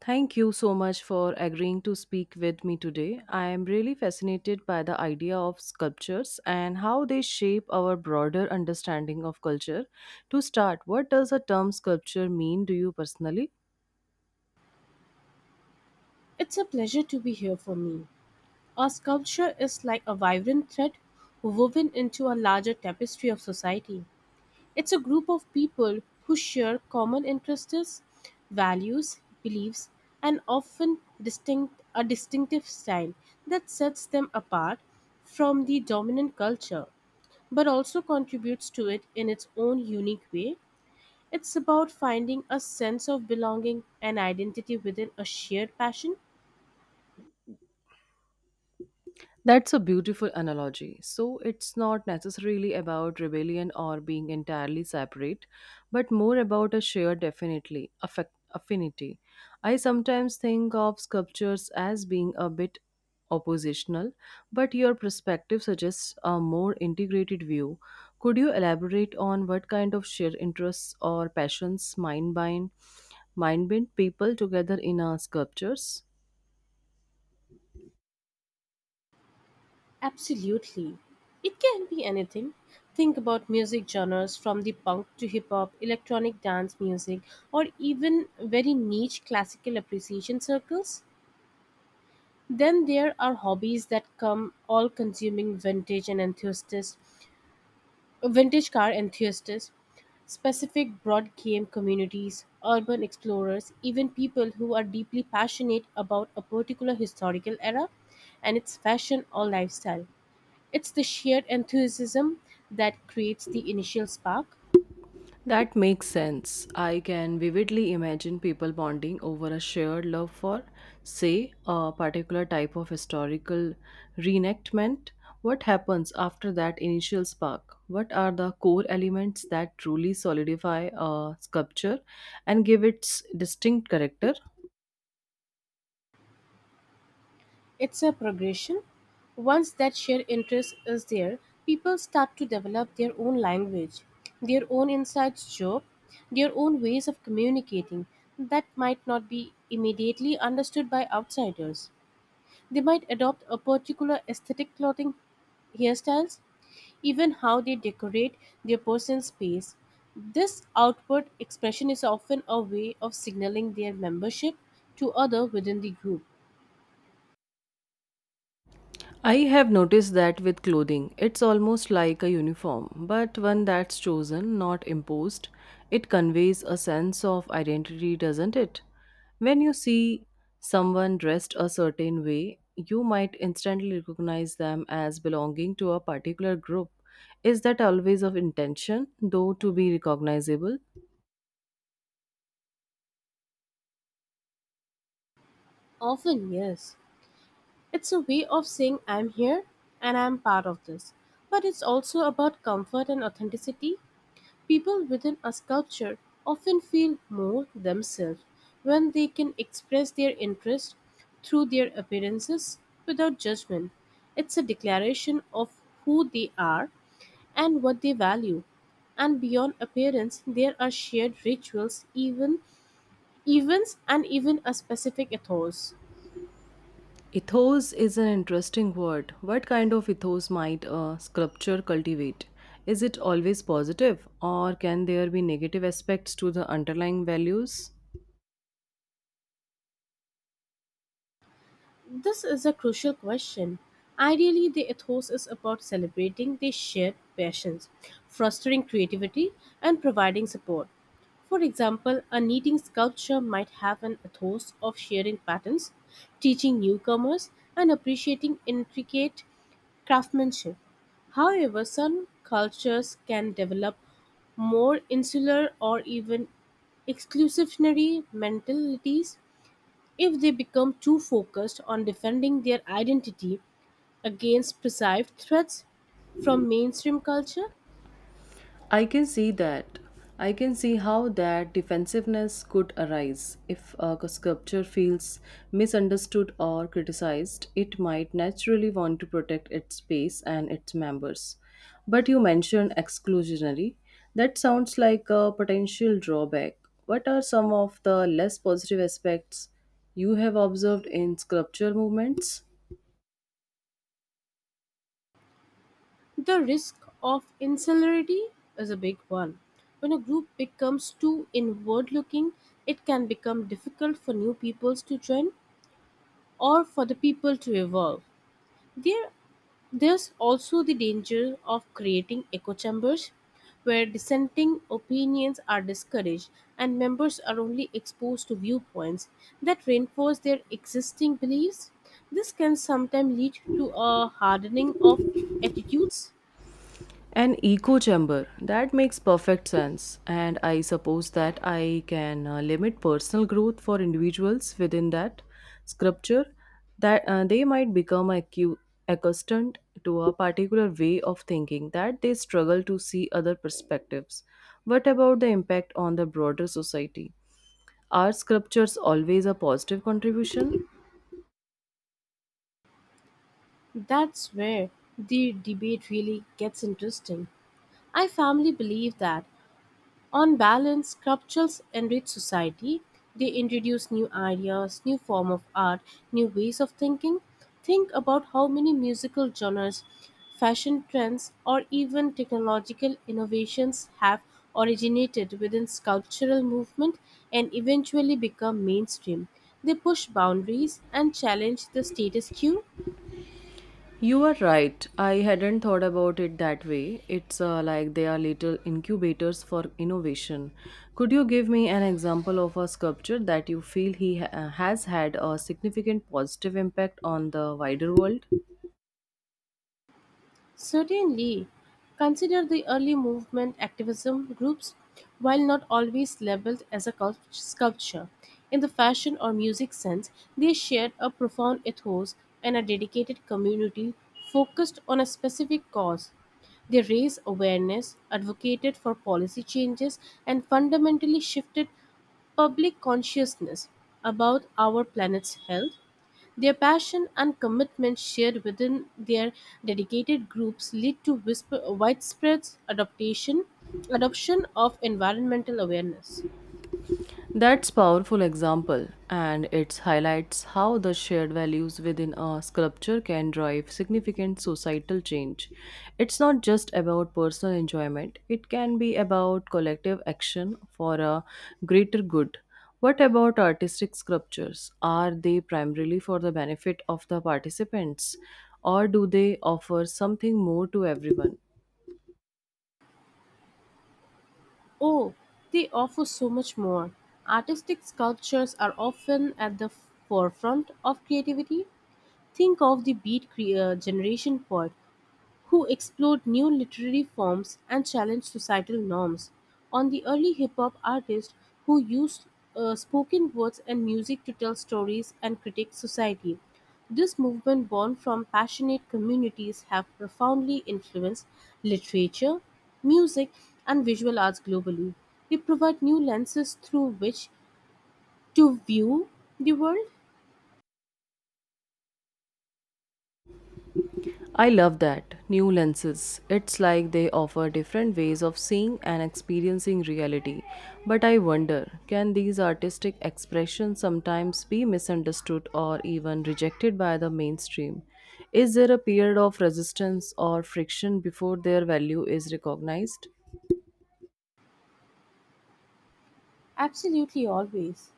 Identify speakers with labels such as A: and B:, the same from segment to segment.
A: Thank you so much for agreeing to speak with me today. I am really fascinated by the idea of sculptures and how they shape our broader understanding of culture. To start, what does the term sculpture mean to you personally?
B: It's a pleasure to be here for me. Our sculpture is like a vibrant thread woven into a larger tapestry of society. It's a group of people who share common interests, values, beliefs, and often distinct a distinctive style that sets them apart from the dominant culture, but also contributes to it in its own unique way. It's about finding a sense of belonging and identity within a shared passion.
A: That's a beautiful analogy. So it's not necessarily about rebellion or being entirely separate, but more about a shared definitely affect affinity. I sometimes think of sculptures as being a bit oppositional, but your perspective suggests a more integrated view. Could you elaborate on what kind of shared interests or passions mind bind people together in our sculptures?
B: Absolutely. It can be anything. Think about music genres from the punk to hip hop, electronic dance music, or even very niche classical appreciation circles. Then there are hobbies that come all consuming vintage car enthusiasts, specific broad game communities, urban explorers, even people who are deeply passionate about a particular historical era and its fashion or lifestyle. It's the shared enthusiasm that creates the initial spark.
A: That makes sense. I can vividly imagine people bonding over a shared love for, say, a particular type of historical reenactment. What happens after that initial spark? What are the core elements that truly solidify a sculpture and give its distinct character?
B: It's a progression. Once that shared interest is there, people start to develop their own language, their own inside joke, their own ways of communicating that might not be immediately understood by outsiders. They might adopt a particular aesthetic clothing, hairstyles, even how they decorate their personal space. This outward expression is often a way of signaling their membership to other within the group.
A: I have noticed that with clothing, it's almost like a uniform, but one that's chosen, not imposed. It conveys a sense of identity, doesn't it? When you see someone dressed a certain way, you might instantly recognize them as belonging to a particular group. Is that always of intention, though, to be recognizable?
B: Often, yes. It's a way of saying I'm here and I'm part of this. But it's also about comfort and authenticity. People within a sculpture often feel more themselves when they can express their interest through their appearances without judgment. It's a declaration of who they are and what they value. And beyond appearance, there are shared rituals, even events, and even a specific ethos.
A: Ethos is an interesting word. What kind of ethos might a sculpture cultivate? Is it always positive, or can there be negative aspects to the underlying values?
B: This is a crucial question. Ideally, the ethos is about celebrating the shared passions, fostering creativity, and providing support. For example, a knitting sculpture might have an ethos of sharing patterns, teaching newcomers, and appreciating intricate craftsmanship. However, some cultures can develop more insular or even exclusionary mentalities if they become too focused on defending their identity against perceived threats from mainstream culture.
A: I can see that. I can see how that defensiveness could arise. If a sculpture feels misunderstood or criticized, it might naturally want to protect its space and its members. But you mentioned exclusionary. That sounds like a potential drawback. What are some of the less positive aspects you have observed in sculpture movements?
B: The risk of insularity is a big one. When a group becomes too inward looking, it can become difficult for new peoples to join or for the people to evolve. There, there's also the danger of creating echo chambers where dissenting opinions are discouraged and members are only exposed to viewpoints that reinforce their existing beliefs. This can sometimes lead to a hardening of attitudes.
A: An echo chamber. That makes perfect sense. And I suppose that I can limit personal growth for individuals within that sculpture, that they might become accustomed to a particular way of thinking, that they struggle to see other perspectives. What about the impact on the broader society? Are sculptures always a positive contribution?
B: That's where the debate really gets interesting. I firmly believe that on balance, sculptures enrich society. They introduce new ideas, new form of art, new ways of thinking. Think about how many musical genres, fashion trends, or even technological innovations have originated within sculptural movement and eventually become mainstream. They push boundaries and challenge the status quo.
A: You are right. I hadn't thought about it that way. It's like they are little incubators for innovation. Could you give me an example of a sculpture that you feel has had a significant positive impact on the wider world?
B: Certainly, consider the early movement activism groups, while not always labeled as a sculpture. In the fashion or music sense, they shared a profound ethos and a dedicated community focused on a specific cause. They raised awareness, advocated for policy changes, and fundamentally shifted public consciousness about our planet's health. Their passion and commitment shared within their dedicated groups lead to widespread adoption of environmental awareness.
A: That's powerful example and it highlights how the shared values within a sculpture can drive significant societal change. It's not just about personal enjoyment, it can be about collective action for a greater good. What about artistic sculptures? Are they primarily for the benefit of the participants or do they offer something more to everyone?
B: Oh, they offer so much more. Artistic sculptures are often at the forefront of creativity. Think of the Beat Generation poet who explored new literary forms and challenged societal norms. On the early hip hop artists who used spoken words and music to tell stories and critique society. This movement, born from passionate communities, have profoundly influenced literature, music, and visual arts globally. They provide new lenses through which to view the world.
A: I love that. New lenses. It's like they offer different ways of seeing and experiencing reality. But I wonder, can these artistic expressions sometimes be misunderstood or even rejected by the mainstream? Is there a period of resistance or friction before their value is recognized?
B: Absolutely, always.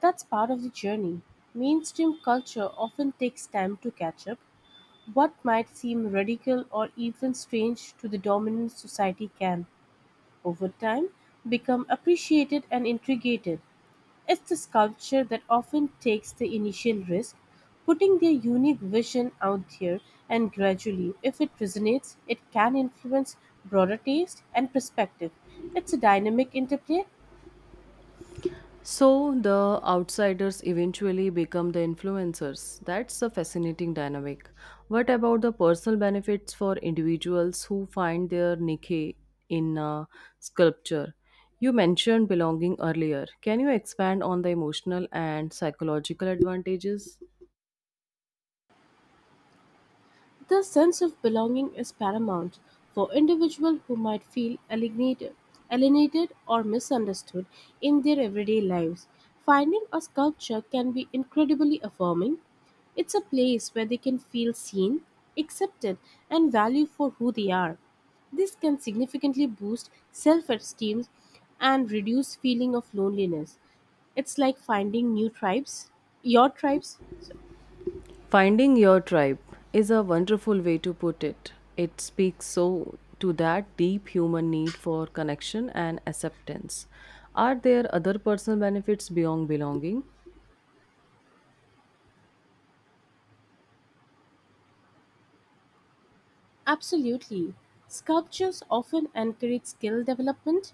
B: That's part of the journey. Mainstream culture often takes time to catch up. What might seem radical or even strange to the dominant society can, over time, become appreciated and integrated. It's the culture that often takes the initial risk, putting their unique vision out there, and gradually, if it resonates, it can influence broader taste and perspective. It's a dynamic interplay.
A: So the outsiders eventually become the influencers. That's a fascinating dynamic. What about the personal benefits for individuals who find their niche in sculpture? You mentioned belonging earlier. Can you expand on the emotional and psychological advantages?
B: The sense of belonging is paramount for individuals who might feel alienated or misunderstood in their everyday lives. Finding a sculpture can be incredibly affirming. It's a place where they can feel seen, accepted, and valued for who they are. This can significantly boost self esteem and reduce feeling of loneliness. It's like finding new tribes, your tribes.
A: Finding your tribe is a wonderful way to put it. It speaks so to that deep human need for connection and acceptance. Are there other personal benefits beyond belonging?
B: Absolutely. Sculptures often encourage skill development.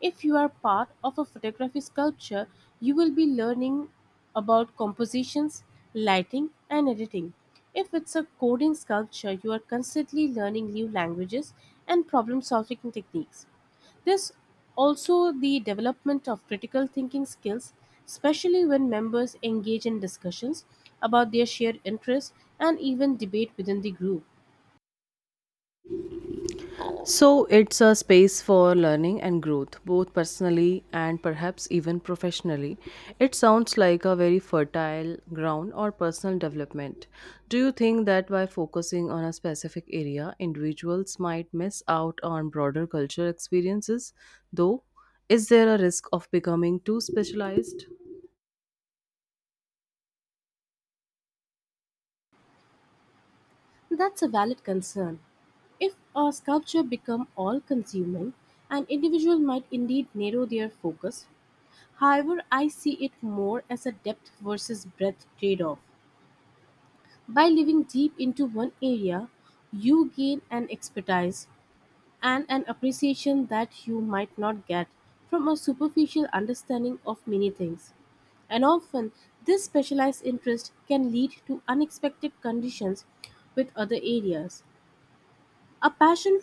B: If you are part of a photography sculpture, you will be learning about compositions, lighting, and editing. If it's a coding sculpture, you are constantly learning new languages and problem solving techniques. There's also the development of critical thinking skills, especially when members engage in discussions about their shared interests and even debate within the group.
A: So it's a space for learning and growth, both personally and perhaps even professionally. It sounds like a very fertile ground or personal development. Do you think that by focusing on a specific area, individuals might miss out on broader cultural experiences? Though, is there a risk of becoming too specialized?
B: That's a valid concern. If a sculpture become all-consuming, an individual might indeed narrow their focus. However, I see it more as a depth versus breadth trade-off. By living deep into one area, you gain an expertise and an appreciation that you might not get from a superficial understanding of many things. And often, this specialized interest can lead to unexpected conditions with other areas. A passion,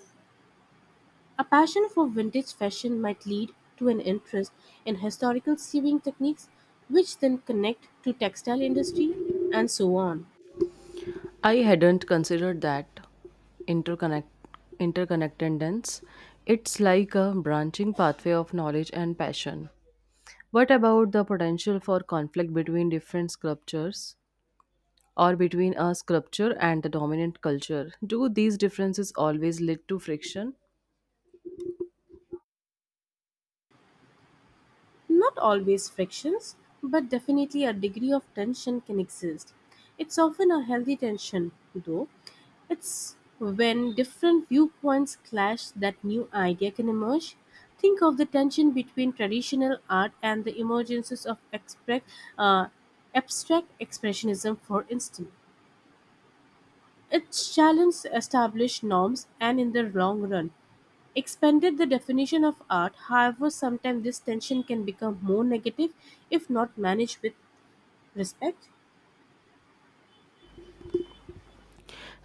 B: a passion for vintage fashion might lead to an interest in historical sewing techniques, which then connect to textile industry and so on.
A: I hadn't considered that interconnect interconnectedness. It's like a branching pathway of knowledge and passion. What about the potential for conflict between different sculptures or between a sculpture and the dominant culture? Do these differences always lead to friction?
B: Not always frictions, but definitely a degree of tension can exist. It's often a healthy tension, though. It's when different viewpoints clash that new idea can emerge. Think of the tension between traditional art and the emergences of uh, abstract expressionism, for instance. It challenges established norms and, in the long run, expanded the definition of art. However, sometimes this tension can become more negative if not managed with respect.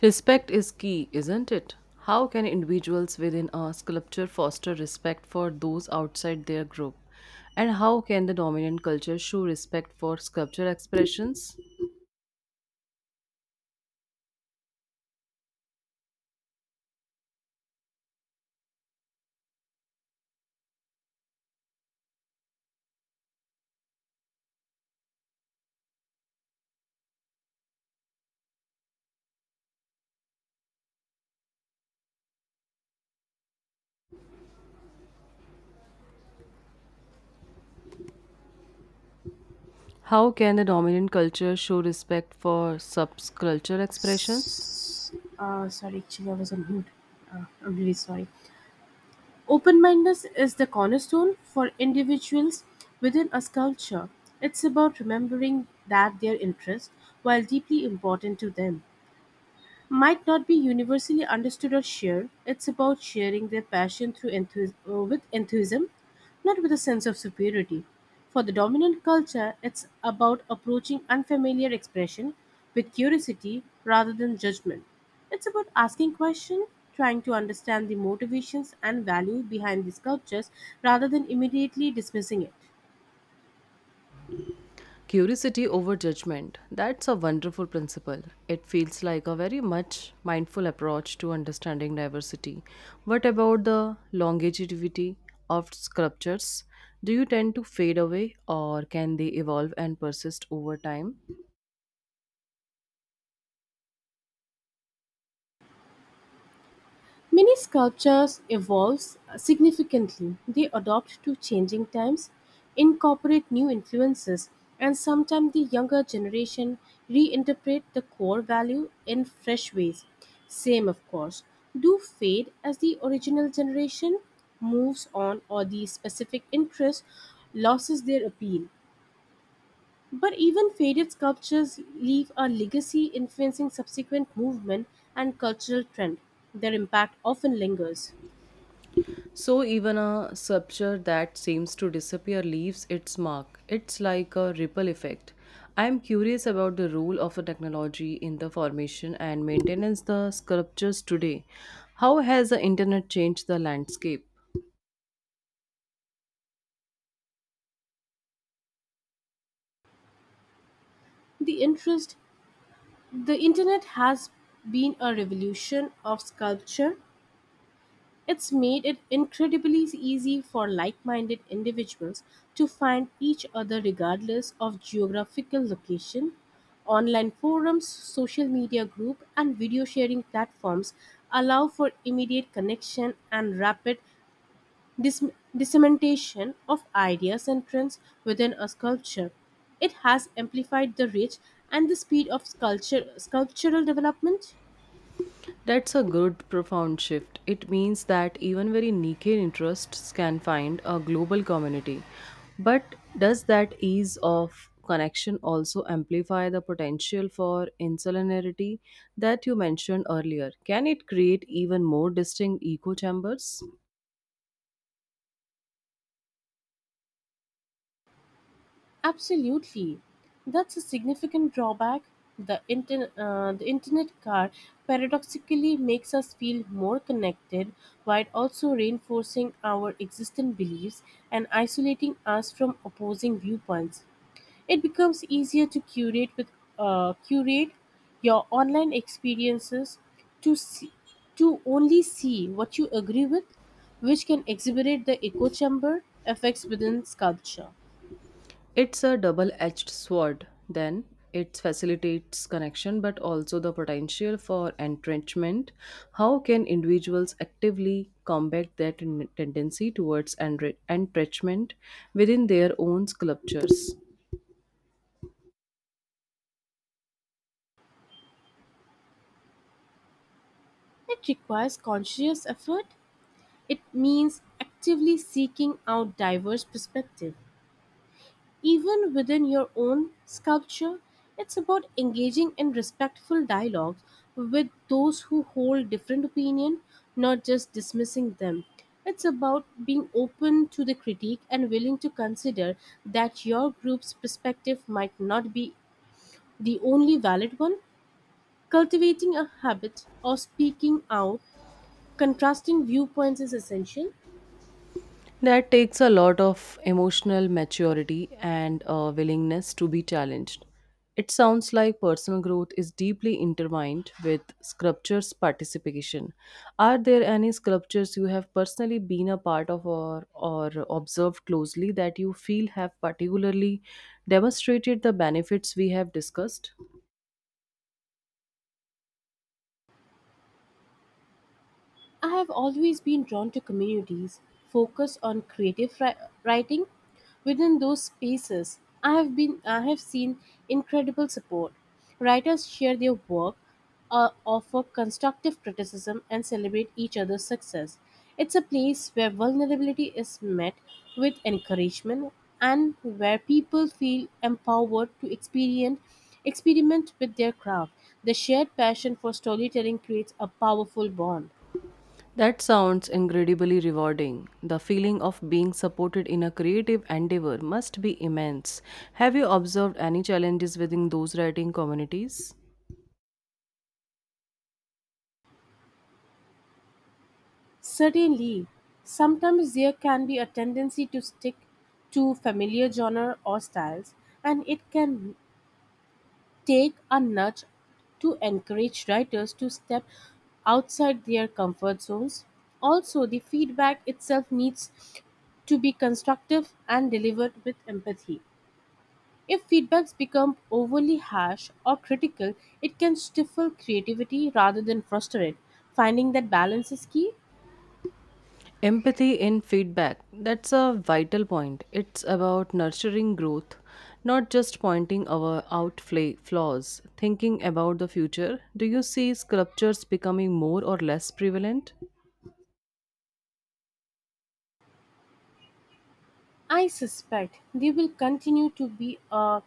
A: Respect is key, isn't it? How can individuals within a sculpture foster respect for those outside their group? And how can the dominant culture show respect for sculpture expressions? How can the dominant culture show respect for subculture expressions?
B: S- sorry, actually I was on mute. I'm really sorry. Open-mindedness is the cornerstone for individuals within a culture. It's about remembering that their interests while deeply important to them might not be universally understood or shared. It's about sharing their passion with enthusiasm, not with a sense of superiority. For the dominant culture, it's about approaching unfamiliar expression with curiosity rather than judgment. It's about asking questions, trying to understand the motivations and value behind these sculptures, rather than immediately dismissing it.
A: Curiosity over judgment. That's a wonderful principle. It feels like a very much mindful approach to understanding diversity. What about the longevity of sculptures? Do you tend to fade away or can they evolve and persist over time?
B: Many sculptures evolve significantly; they adapt to changing times, incorporate new influences, and sometimes the younger generation reinterpret the core value in fresh ways. Same of course, do fade as the original generation moves on or the specific interest loses their appeal. But even faded sculptures leave a legacy influencing subsequent movement and cultural trend. Their impact often lingers.
A: So, even a sculpture that seems to disappear leaves its mark. It's like a ripple effect. I am curious about the role of the technology in the formation and maintenance the sculptures today. How has the internet changed the landscape?
B: The interest the internet has been a revolution of sculpture. It's made it incredibly easy for like-minded individuals to find each other regardless of geographical location. Online forums, social media group and video sharing platforms allow for immediate connection and rapid dis- dissemination of ideas and trends within a sculpture. It has amplified the reach and the speed of sculptural development.
A: That's a good, profound shift. It means that even very niche interests can find a global community. But does that ease of connection also amplify the potential for insularity that you mentioned earlier? Can it create even more distinct echo chambers?
B: Absolutely. That's a significant drawback. The internet car paradoxically makes us feel more connected while also reinforcing our existing beliefs and isolating us from opposing viewpoints. It becomes easier to curate your online experiences to see, to only see what you agree with, which can exacerbate the echo chamber effects within culture.
A: It's a double edged sword, then. It facilitates connection but also the potential for entrenchment. How can individuals actively combat that tendency towards entrenchment within their own sculptures?
B: It requires conscious effort. It means actively seeking out diverse perspectives. Even within your own sculpture, it's about engaging in respectful dialogues with those who hold different opinion, not just dismissing them. It's about being open to the critique and willing to consider that your group's perspective might not be the only valid one. Cultivating a habit of speaking out contrasting viewpoints is essential.
A: That takes a lot of emotional maturity and a willingness to be challenged. It sounds like personal growth is deeply intertwined with sculptures participation. Are there any sculptures you have personally been a part of or observed closely that you feel have particularly demonstrated the benefits we have discussed?
B: I have always been drawn to communities focused on creative writing. Within those spaces, I have seen incredible support. Writers share their work, offer constructive criticism, and celebrate each other's success. It's a place where vulnerability is met with encouragement and where people feel empowered to experience experiment with their craft. The shared passion for storytelling creates a powerful bond.
A: That sounds incredibly rewarding. The feeling of being supported in a creative endeavor must be immense. Have you observed any challenges within those writing communities?
B: Certainly, sometimes there can be a tendency to stick to familiar genre or styles, and it can take a nudge to encourage writers to step outside their comfort zones. Also, the feedback itself needs to be constructive and delivered with empathy. If feedbacks become overly harsh or critical, it can stifle creativity rather than frustrate it. Finding that balance is key.
A: Empathy in feedback. That's a vital point. It's about nurturing growth, not just pointing our out flaws. Thinking about the future, do you see sculptures becoming more or less prevalent?
B: I suspect they will continue to be a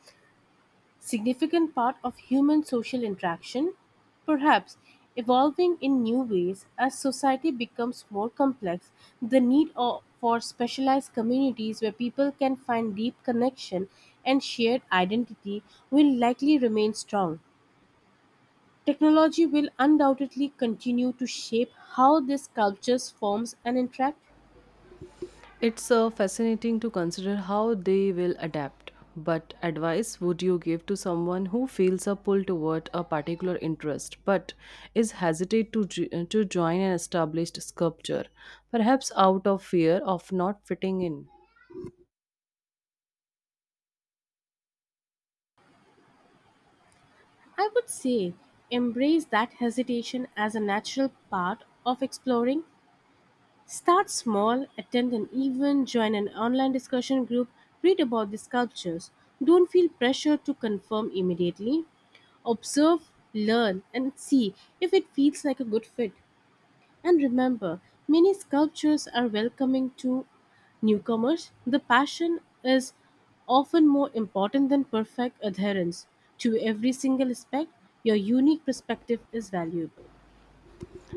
B: significant part of human social interaction, perhaps evolving in new ways as society becomes more complex. The need for specialized communities where people can find deep connection and shared identity will likely remain strong. Technology will undoubtedly continue to shape how these cultures forms and interact.
A: It's fascinating to consider how they will adapt. But advice would you give to someone who feels a pull toward a particular interest but is hesitant to, to join an established sculpture, perhaps out of fear of not fitting in?
B: I would say embrace that hesitation as a natural part of exploring. Start small, attend an event, join an online discussion group, read about the sculptures. Don't feel pressure to confirm immediately. Observe, learn, and see if it feels like a good fit. And remember, many sculptures are welcoming to newcomers. The passion is often more important than perfect adherence to every single aspect. Your unique perspective is valuable.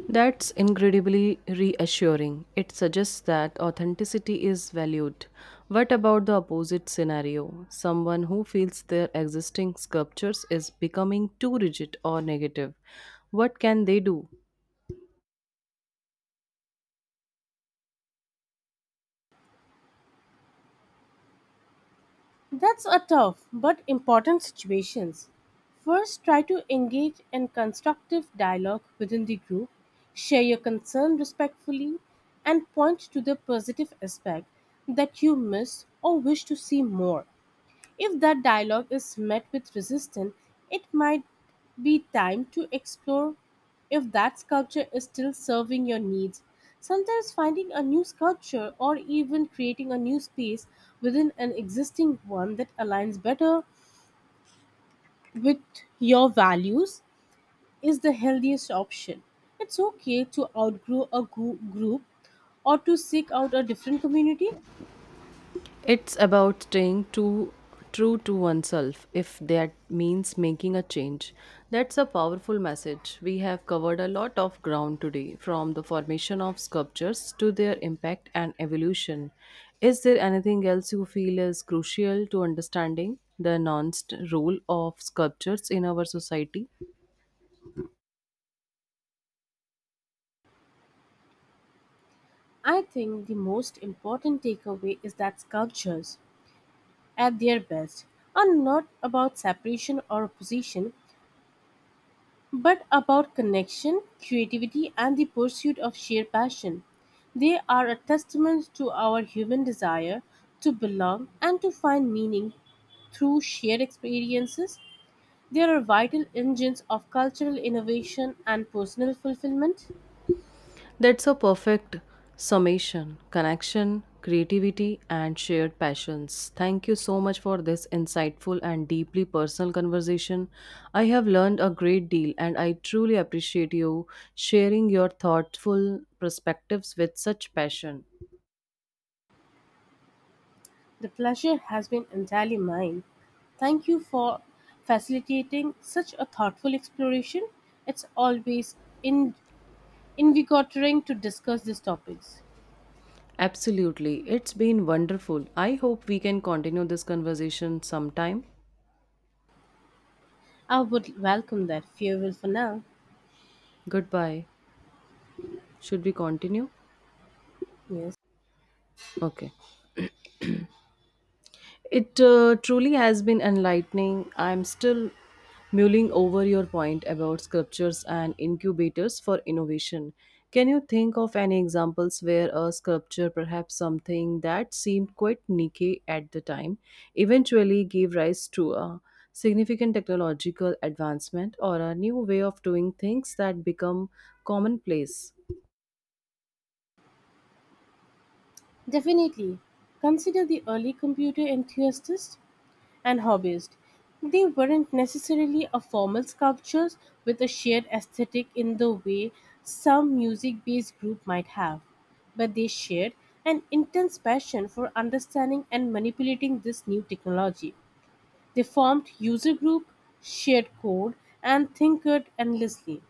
A: That's incredibly reassuring. It suggests that authenticity is valued. What about the opposite scenario? Someone who feels their existing sculptures is becoming too rigid or negative. What can they do?
B: That's a tough but important situations. First, try to engage in constructive dialogue within the group, share your concern respectfully, and point to the positive aspect that you miss or wish to see more. If that dialogue is met with resistance, it might be time to explore if that sculpture is still serving your needs. Sometimes finding a new sculpture or even creating a new space within an existing one that aligns better with your values is the healthiest option. It's okay to outgrow a group or to seek out a different community.
A: It's about staying too true to oneself if that means making a change. That's a powerful message. We have covered a lot of ground today, from the formation of sculptures to their impact and evolution. Is there anything else you feel is crucial to understanding the nuanced role of sculptures in our society?
B: I think the most important takeaway is that sculptures at their best are not about separation or opposition, but about connection, creativity, and the pursuit of shared passion. They are a testament to our human desire to belong and to find meaning through shared experiences. They are vital engines of cultural innovation and personal fulfillment.
A: That's a perfect summation, connection, creativity, and shared passions. Thank you so much for this insightful and deeply personal conversation. I have learned a great deal, and I truly appreciate you sharing your thoughtful perspectives with such passion.
B: The pleasure has been entirely mine. Thank you for facilitating such a thoughtful exploration. It's always in in regathering to discuss these topics.
A: Absolutely. It's been wonderful. I hope we can continue this conversation sometime.
B: I would welcome that. Farewell for now.
A: Goodbye. Should we continue?
B: Yes,
A: Okay. It truly has been enlightening. I'm still mulling over your point about sculptures and incubators for innovation. Can you think of any examples where a sculpture, perhaps something that seemed quite niche at the time, eventually gave rise to a significant technological advancement or a new way of doing things that become commonplace?
B: definitely. Consider the early computer enthusiasts and hobbyists. They weren't necessarily a formal sculptures with a shared aesthetic in the way some music based group might have, but they shared an intense passion for understanding and manipulating this new technology. They formed user group, shared code, and tinkered endlessly.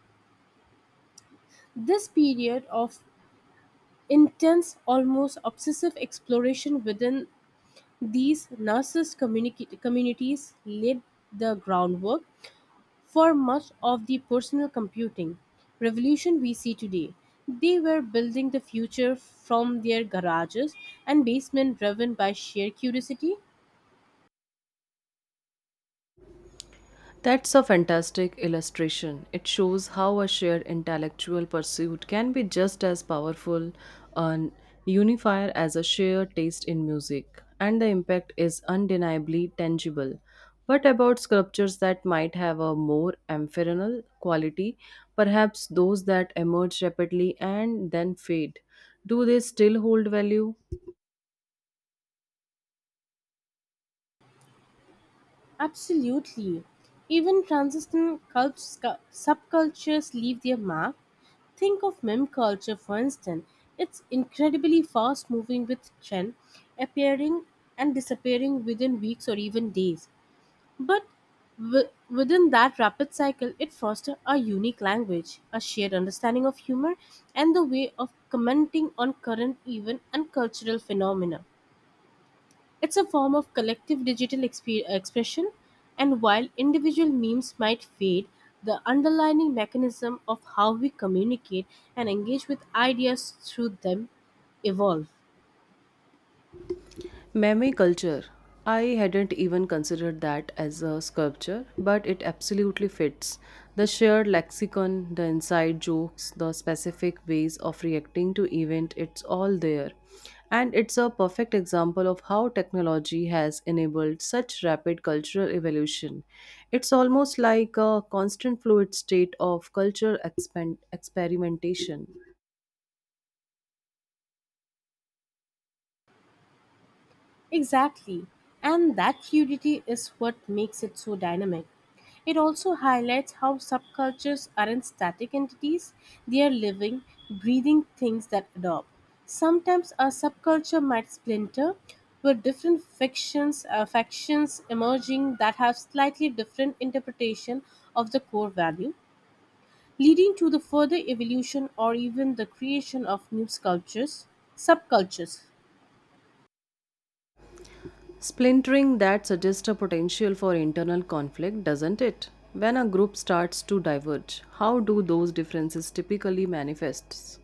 B: This period of intense, almost obsessive exploration within these narcissist communities laid the groundwork for much of the personal computing revolution we see today. They were building the future from their garages and basement driven by sheer curiosity.
A: That's a fantastic illustration. It shows how a shared intellectual pursuit can be just as powerful an unifier as a shared taste in music, and the impact is undeniably tangible. But about sculptures that might have a more ephemeral quality, perhaps those that emerge rapidly and then fade, do they still hold value?
B: Absolutely. Even transistor subcultures leave their mark. Think of meme culture, for instance. It's incredibly fast moving with trend appearing and disappearing within weeks or even days. But within that rapid cycle, it fosters a unique language, a shared understanding of humor, and the way of commenting on current event and cultural phenomena. It's a form of collective digital expression, and while individual memes might fade, the underlying mechanism of how we communicate and engage with ideas through them evolve.
A: Meme culture. I hadn't even considered that as a sculpture, but it absolutely fits. The shared lexicon, the inside jokes, the specific ways of reacting to event, it's all there. And it's a perfect example of how technology has enabled such rapid cultural evolution. It's almost like a constant fluid state of culture experimentation.
B: Exactly. And that fluidity is what makes it so dynamic. It also highlights how subcultures aren't static entities, they are living, breathing things that adopt. Sometimes a subculture might splinter, with different factions emerging that have slightly different interpretation of the core value, leading to the further evolution or even the creation of new sculptures, subcultures.
A: Splintering that suggests a potential for internal conflict, doesn't it? When a group starts to diverge, how do those differences typically manifest?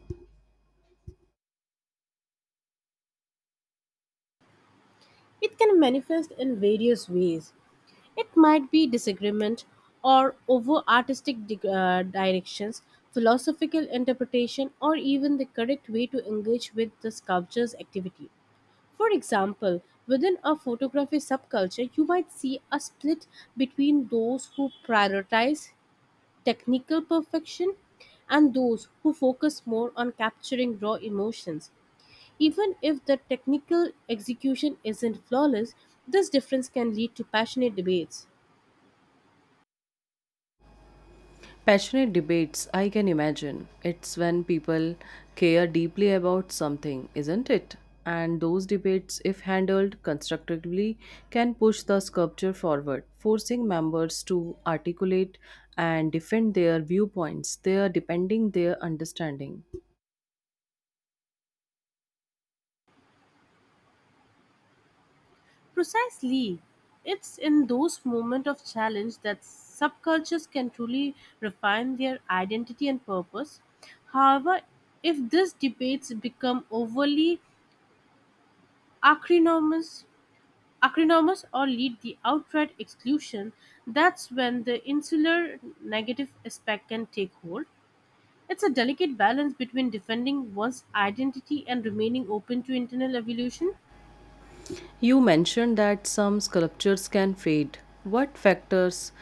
B: It can manifest in various ways. It might be disagreement or over artistic directions, philosophical interpretation, or even the correct way to engage with the sculpture's activity. For example, within a photography subculture, you might see a split between those who prioritize technical perfection and those who focus more on capturing raw emotions. Even if the technical execution isn't flawless, this difference can lead to passionate debates.
A: Passionate debates, I can imagine. It's when people care deeply about something, isn't it? And those debates, if handled constructively, can push the sculpture forward, forcing members to articulate and defend their viewpoints, their depending their understanding.
B: Precisely. It's in those moments of challenge that subcultures can truly refine their identity and purpose. However, if these debates become overly acrimonious, acrimonious or lead the outright exclusion, that's when the insular negative aspect can take hold. It's a delicate balance between defending one's identity and remaining open to internal evolution.
A: You mentioned that some sculptures can fade. What factors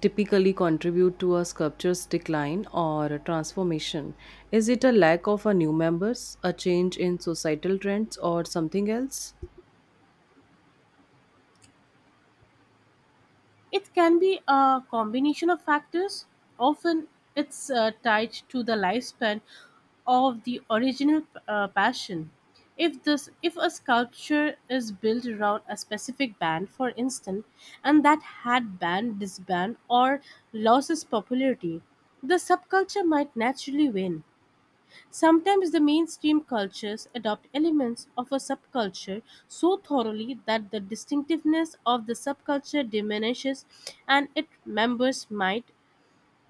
A: typically contribute to a sculpture's decline or a transformation? Is it a lack of a new members, a change in societal trends, or something else?
B: It can be a combination of factors. Often it's tied to the lifespan of the original passion. If a sculpture is built around a specific band for instance and that had band disband or loses popularity, the subculture might naturally wane. Sometimes the mainstream cultures adopt elements of a subculture so thoroughly that the distinctiveness of the subculture diminishes and its members might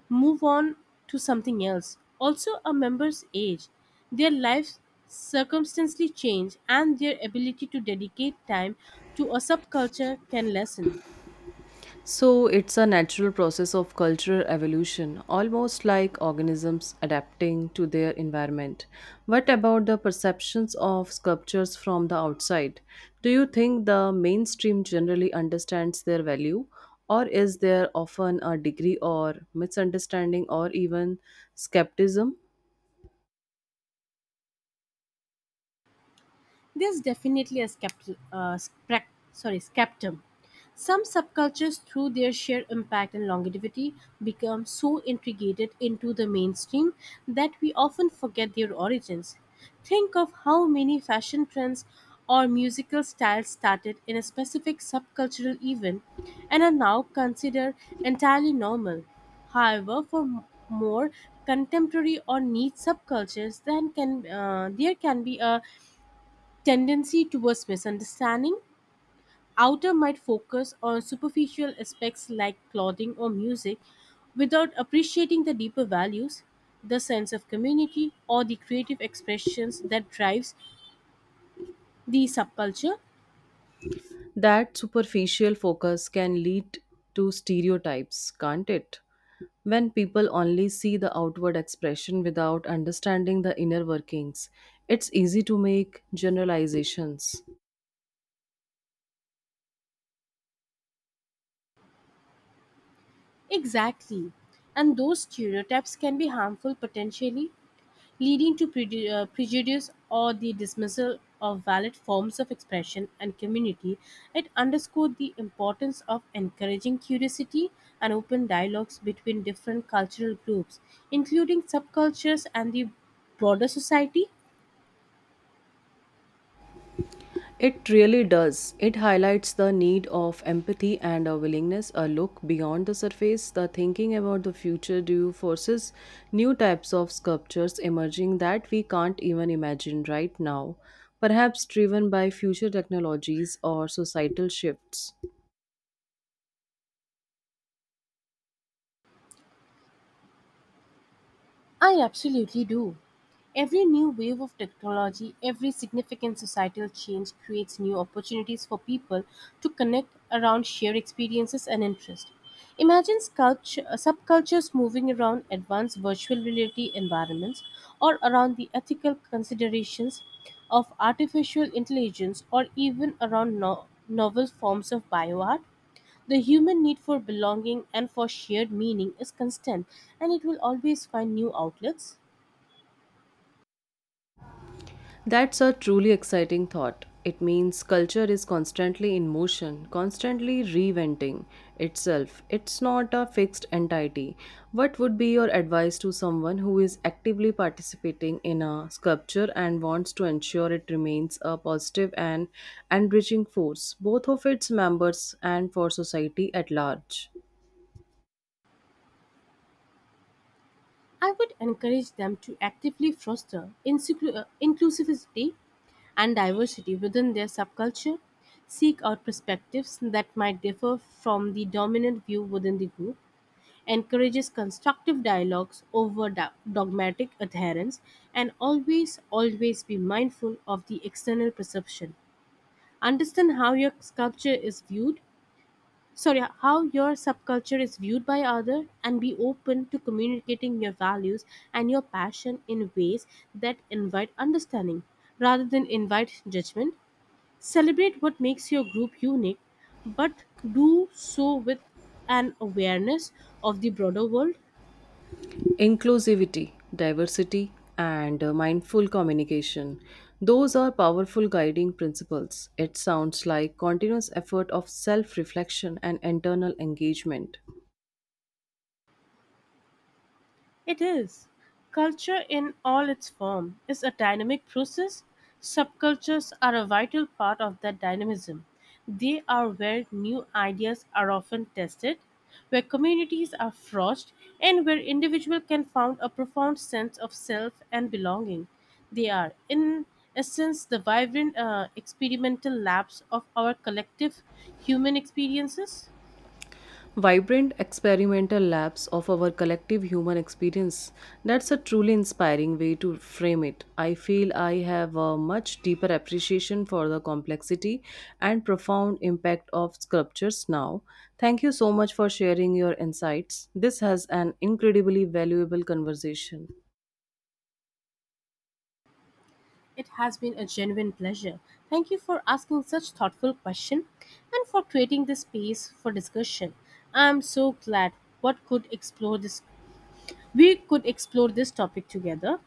B: move on to something else. Also, a member's age, their life circumstances change, and their ability to dedicate time to a subculture can lessen.
A: So it's a natural process of cultural evolution, almost like organisms adapting to their environment. What about the perceptions of sculptures from the outside? Do you think the mainstream generally understands their value, or is there often a degree or misunderstanding or even skepticism?
B: There's definitely a skeptum. Some subcultures, through their sheer impact and longevity, become so integrated into the mainstream that we often forget their origins. Think of how many fashion trends or musical styles started in a specific subcultural event and are now considered entirely normal. However, for more contemporary or niche subcultures, then can there can be a tendency towards misunderstanding. Outer might focus on superficial aspects like clothing or music without appreciating the deeper values, the sense of community, or the creative expressions that drives the subculture.
A: That superficial focus can lead to stereotypes, can't it? When people only see the outward expression without understanding the inner workings, it's easy to make generalizations.
B: Exactly. And those stereotypes can be harmful potentially leading to prejudice or the dismissal of valid forms of expression and community. It underscored the importance of encouraging curiosity and open dialogues between different cultural groups, including subcultures and the broader society.
A: It really does. It highlights the need of empathy and a willingness, a look beyond the surface. The thinking about the future due forces new types of sculptures emerging that we can't even imagine right now, perhaps driven by future technologies or societal shifts.
B: I absolutely do. Every new wave of technology, every significant societal change creates new opportunities for people to connect around shared experiences and interests. Imagine subcultures moving around advanced virtual reality environments or around the ethical considerations of artificial intelligence or even around novel forms of bioart. The human need for belonging and for shared meaning is constant, and it will always find new outlets.
A: That's a truly exciting thought. It means culture is constantly in motion, constantly reinventing itself. It's not a fixed entity. What would be your advice to someone who is actively participating in a sculpture and wants to ensure it remains a positive and enriching force, both of its members and for society at large?
B: I would encourage them to actively foster inclusivity and diversity within their subculture, seek out perspectives that might differ from the dominant view within the group, encourages constructive dialogues over dogmatic adherence, and always, always be mindful of the external perception. Understand how your sculpture is viewed sorry how your subculture is viewed by other and be open to communicating your values and your passion in ways that invite understanding rather than invite judgment, celebrate what makes your group unique, but do so with an awareness of the broader world.
A: Inclusivity, diversity, and mindful communication. Those are powerful guiding principles. It sounds like continuous effort of self reflection and internal engagement.
B: It is. Culture in all its form is a dynamic process. Subcultures are a vital part of that dynamism. They are where new ideas are often tested, where communities are forged, and where individuals can found a profound sense of self and belonging. They are, in essence, the vibrant experimental labs of our collective human experiences.
A: Vibrant experimental labs of our collective human experience. That's a truly inspiring way to frame it. I feel I have a much deeper appreciation for the complexity and profound impact of sculptures now. Thank you so much for sharing your insights. This has an incredibly valuable conversation.
B: It has been a genuine pleasure. Thank you for asking such thoughtful question and for creating this space for discussion. I am so glad what could explore this we could explore this topic together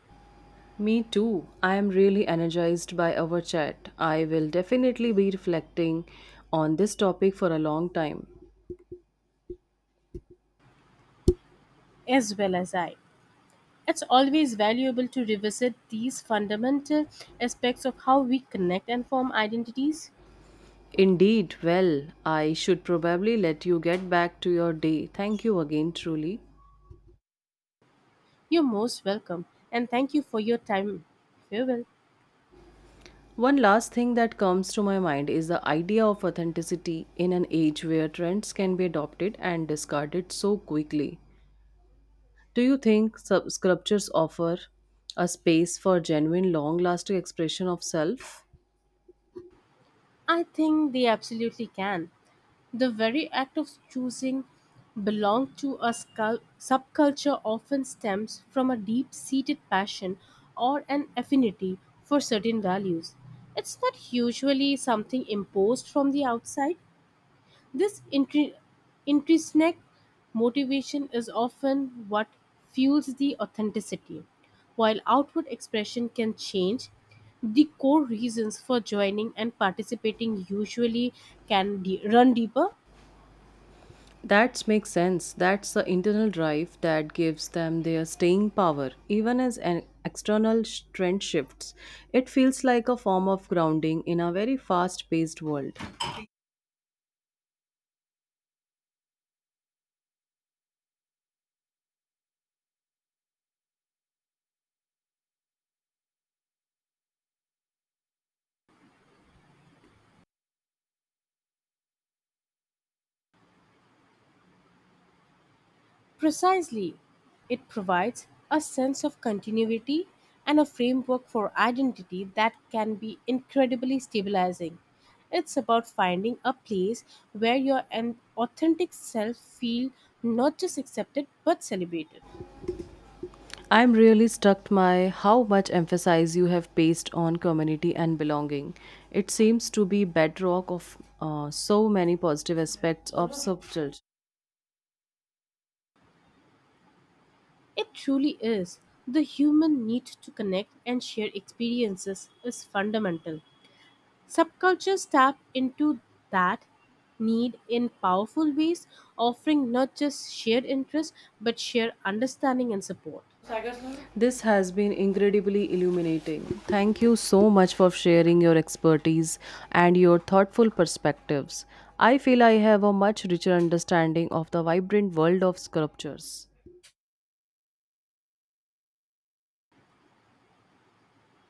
A: Me too. I am really energized by our chat. I will definitely be reflecting on this topic for a long time.
B: as well as I. It's always valuable to revisit these fundamental aspects of how we connect and form identities.
A: Indeed, well, I should probably let you get back to your day. Thank you again, truly.
B: You're most welcome and thank you for your time. Farewell.
A: One last thing that comes to my mind is the idea of authenticity in an age where trends can be adopted and discarded so quickly. Do you think sculptures offer a space for genuine, long lasting expression of self?
B: I think they absolutely can. The very act of choosing belong to a subculture often stems from a deep seated passion or an affinity for certain values. It's not usually something imposed from the outside. This intrinsic motivation is often what fuels the authenticity. While outward expression can change, the core reasons for joining and participating usually run deeper.
A: That makes sense. That's the internal drive that gives them their staying power. Even as an external trend shifts, it feels like a form of grounding in a very fast-paced world.
B: Precisely. It provides a sense of continuity and a framework for identity that can be incredibly stabilizing. It's about finding a place where your an authentic self feel not just accepted but celebrated.
A: I'm really struck by how much emphasis you have placed on community and belonging. It seems to be bedrock of so many positive aspects of subculture.
B: It truly is. The human need to connect and share experiences is fundamental. Subcultures tap into that need in powerful ways, offering not just shared interest but shared understanding and support.
A: This has been incredibly illuminating. Thank you so much for sharing your expertise and your thoughtful perspectives. I feel I have a much richer understanding of the vibrant world of sculptures.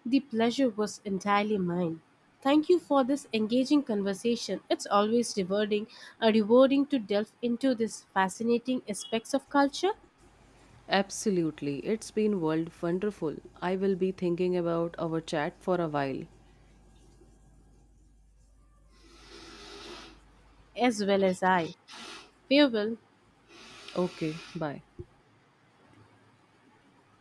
B: The pleasure was entirely mine. Thank you for this engaging conversation. It's always rewarding to delve into these fascinating aspects of culture
A: Absolutely, it's been world wonderful. I will be thinking about our chat for a while.
B: as well as I. Farewell.
A: Okay, bye.